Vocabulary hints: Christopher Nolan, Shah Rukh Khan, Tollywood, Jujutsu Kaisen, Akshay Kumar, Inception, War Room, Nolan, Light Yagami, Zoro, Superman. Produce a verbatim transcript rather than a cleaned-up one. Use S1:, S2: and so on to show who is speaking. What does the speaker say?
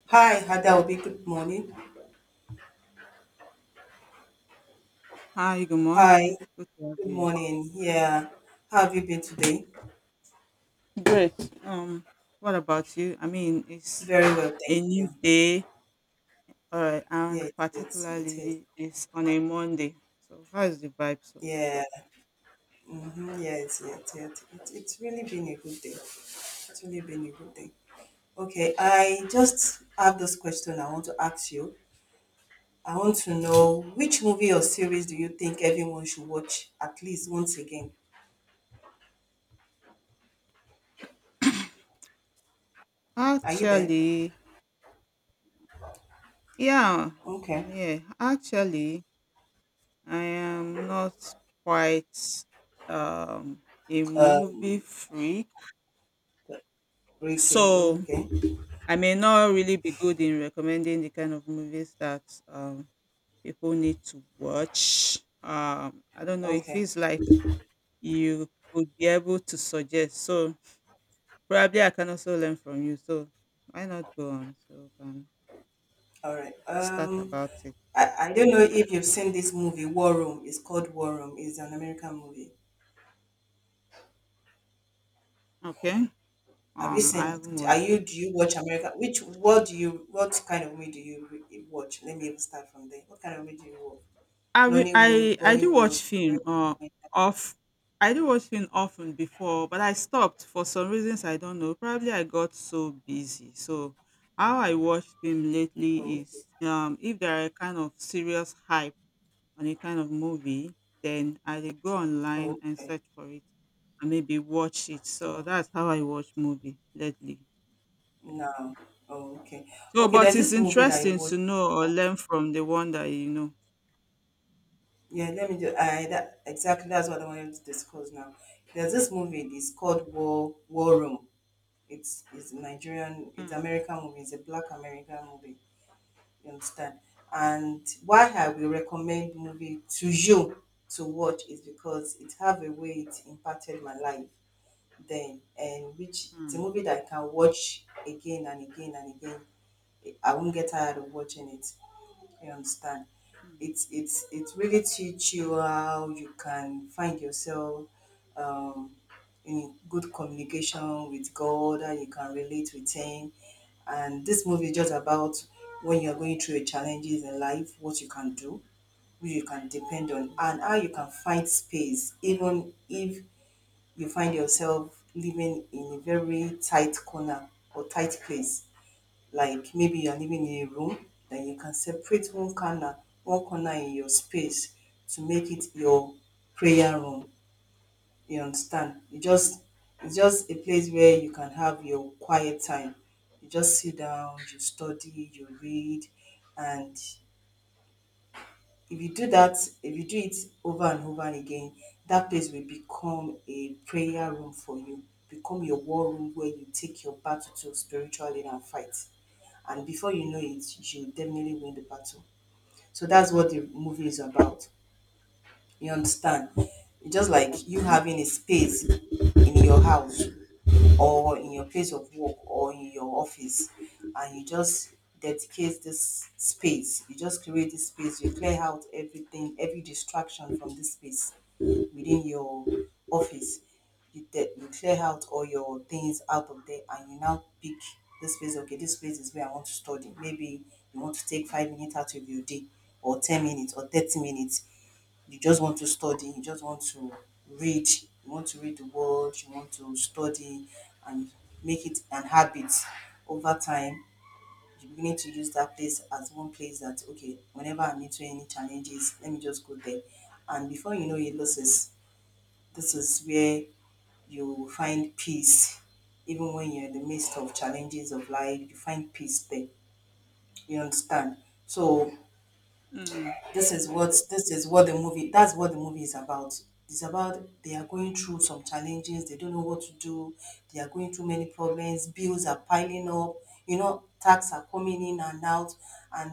S1: Hi, that would be good morning.
S2: Hi, good
S1: Hi,
S2: morning. Good to have
S1: good
S2: you.
S1: morning. Yeah, how have you been today?
S2: Um, what about you? I mean, it's
S1: Very well, thank
S2: a
S1: you.
S2: new day, all right,
S1: Yeah,
S2: and
S1: it is. It is.
S2: particularly it's on a Monday. So, how is the vibe so far?
S1: Yeah, mm-hmm, yes, yes, it's yeah, it's. It's it's really been a good day. It's really been a good day. Okay, I just have this question I want to ask you. I want to know which movie or series do you think everyone should watch at least once again? Are you there?
S2: Actually, yeah,
S1: Okay.
S2: I'm here. Actually, I am not quite um a movie
S1: Um,
S2: freak,
S1: okay,
S2: so
S1: okay,
S2: I may not really be good in recommending the kind of movies that um people need to watch. Um, I don't know. It
S1: okay.
S2: feels like you could be able to suggest. So probably I can also learn from you. So why not go on? So we can
S1: All right.
S2: start
S1: Um,
S2: about it.
S1: I, I don't know if you've seen this movie, War Room. It's called War Room. It's an American movie.
S2: Okay.
S1: Have you
S2: Um,
S1: seen
S2: I haven't
S1: it? Are
S2: watched
S1: you
S2: that.
S1: do you watch America? Which what do you what kind of movie do you re- watch? Let me even start from there. What kind of movie do you watch?
S2: I wi-
S1: Nollywood,
S2: I I do watch
S1: Bollywood.
S2: film. Uh,
S1: American-
S2: off. I do watch film often before, but I stopped for some reasons I don't know. Probably I got so busy. So how I watch film lately
S1: Oh, okay.
S2: is um if there are kind of serious hype on a kind of movie, then I dey go online
S1: Oh,
S2: and
S1: okay.
S2: search for it and maybe watch it. So
S1: Oh,
S2: that's how I watch movie lately. Yeah.
S1: no. Oh, okay.
S2: So,
S1: Okay.
S2: but
S1: There's
S2: it's
S1: this movie that I
S2: interesting
S1: watched
S2: to know or
S1: before.
S2: learn from the one that you know.
S1: Yeah. Let me do. I that exactly that's what I wanted to discuss now. There's this movie. It's called War War Room. It's it's a Nigerian, it's
S2: Hmm.
S1: American movie, it's a black American movie, you understand?
S2: Okay.
S1: And why I will recommend movie to you to watch is because it have a way it impacted my life then, and which it's a
S2: Hmm.
S1: movie that I can watch again and again and again. I won't get tired of watching it. You understand?
S2: Hmm.
S1: It's it's it really teach you how you can find yourself um, in good communication with God, and you can relate with Him. And this movie is just about when you're going through your challenges in life, what you can do, who you can depend on, and how you can find space, even if you find yourself living in a very tight corner or tight place, like maybe you're living in a room, then you can separate one corner, one corner in your space to make it your prayer room. You understand? You just it's just a place where you can have your quiet time. You just sit down, you study, you read, and if you do that, if you do it over and over and again, that place will become a prayer room for you, become your war room where you take your battle to spiritually and fight, and before you know it, you will definitely win the battle. So that's what the movie is about. You understand? Just
S2: Hmm.
S1: like you
S2: Okay.
S1: having a space in your house or in your place of work or in your office, and you just dedicate this space, you just create this space, you clear out everything, every distraction from this space within your office. You, de- you clear out all your things out of there, and you now pick this space. Okay, this space is where I want to study. Maybe you want to take five minutes out of your day or ten minutes or thirty minutes. You just want to study, you just want to read, you want to read the world. You want to study and make it an habit over time. You're beginning to use that place as one place that, okay, whenever I'm into any challenges, let me just go there. And before you know it, this is, this is where you find peace. Even when you're in the midst of challenges of life, you find peace there. You understand? So
S2: Hmm.
S1: this is what this is what the movie that's what the movie is about. It's about, they are going through some challenges, they don't know what to do, they are going through many problems, bills are piling up you know Tax are coming in and out, and